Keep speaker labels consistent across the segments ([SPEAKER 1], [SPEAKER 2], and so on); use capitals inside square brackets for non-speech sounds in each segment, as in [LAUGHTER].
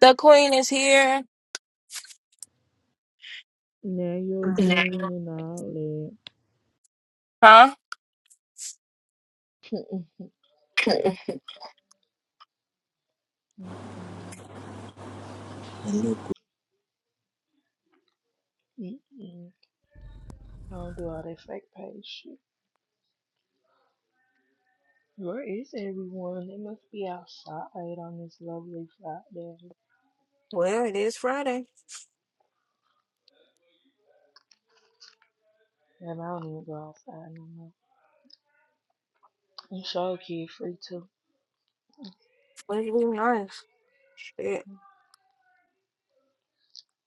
[SPEAKER 1] The queen is here.
[SPEAKER 2] Now you're doing and all
[SPEAKER 1] Huh?
[SPEAKER 2] Mm-mm, mm-mm. I don't do all that fake page shit. Where is everyone? They must be outside on this lovely Friday.
[SPEAKER 1] Well, it is Friday.
[SPEAKER 2] And I don't even go outside no more. I'm sure kid free too.
[SPEAKER 1] Let's be nice. Shit.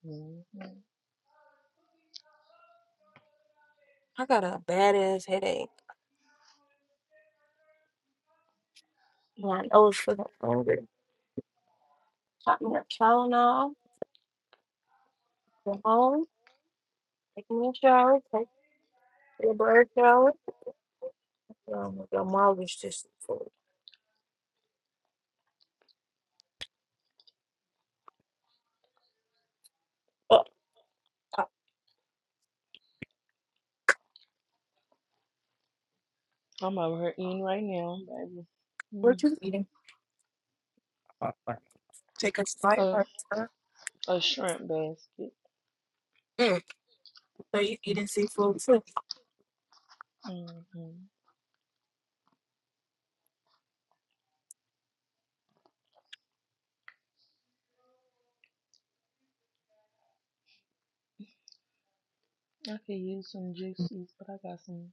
[SPEAKER 2] hmm
[SPEAKER 1] I got a badass headache. And I know it's fucking hungry. Pop me a Tylenol. Go home. Take me a shower. Take a bird shower. Oh my god, mom was just full. Oh, uh,
[SPEAKER 2] I'm over here eating right now, baby. Mm.
[SPEAKER 1] what you eating? Uh, uh, Take a slight part.
[SPEAKER 2] A,
[SPEAKER 1] sir.
[SPEAKER 2] a shrimp basket.
[SPEAKER 1] Mm. So you eating seafood too?
[SPEAKER 2] hmm I could use some juices, but I got some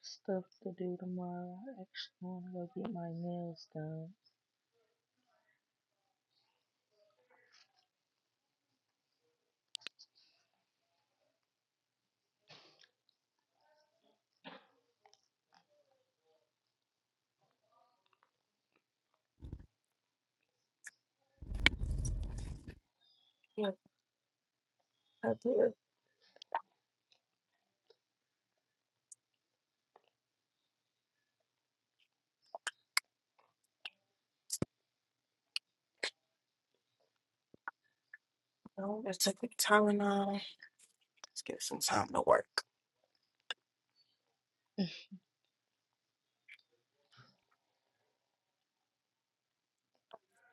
[SPEAKER 2] stuff to do tomorrow. I actually want to go get my nails done.
[SPEAKER 1] Yeah, I did. I just took a Tylenol. Let's get some time to work.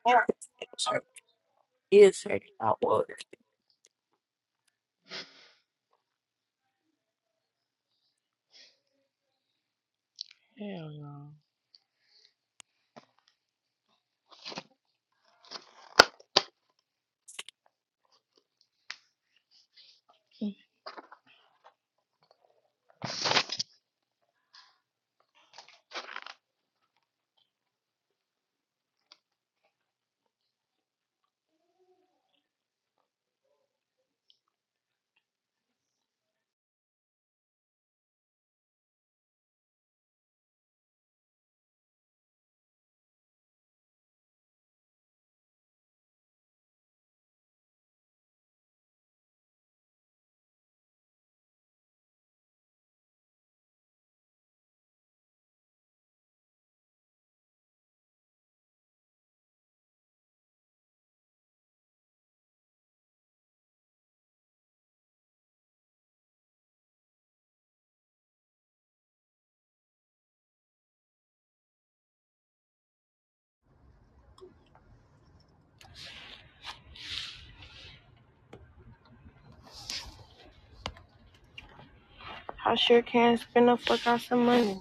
[SPEAKER 1] Yeah. is her outward.
[SPEAKER 2] Hell no. [LAUGHS]
[SPEAKER 1] I sure can spend the fuck out some money.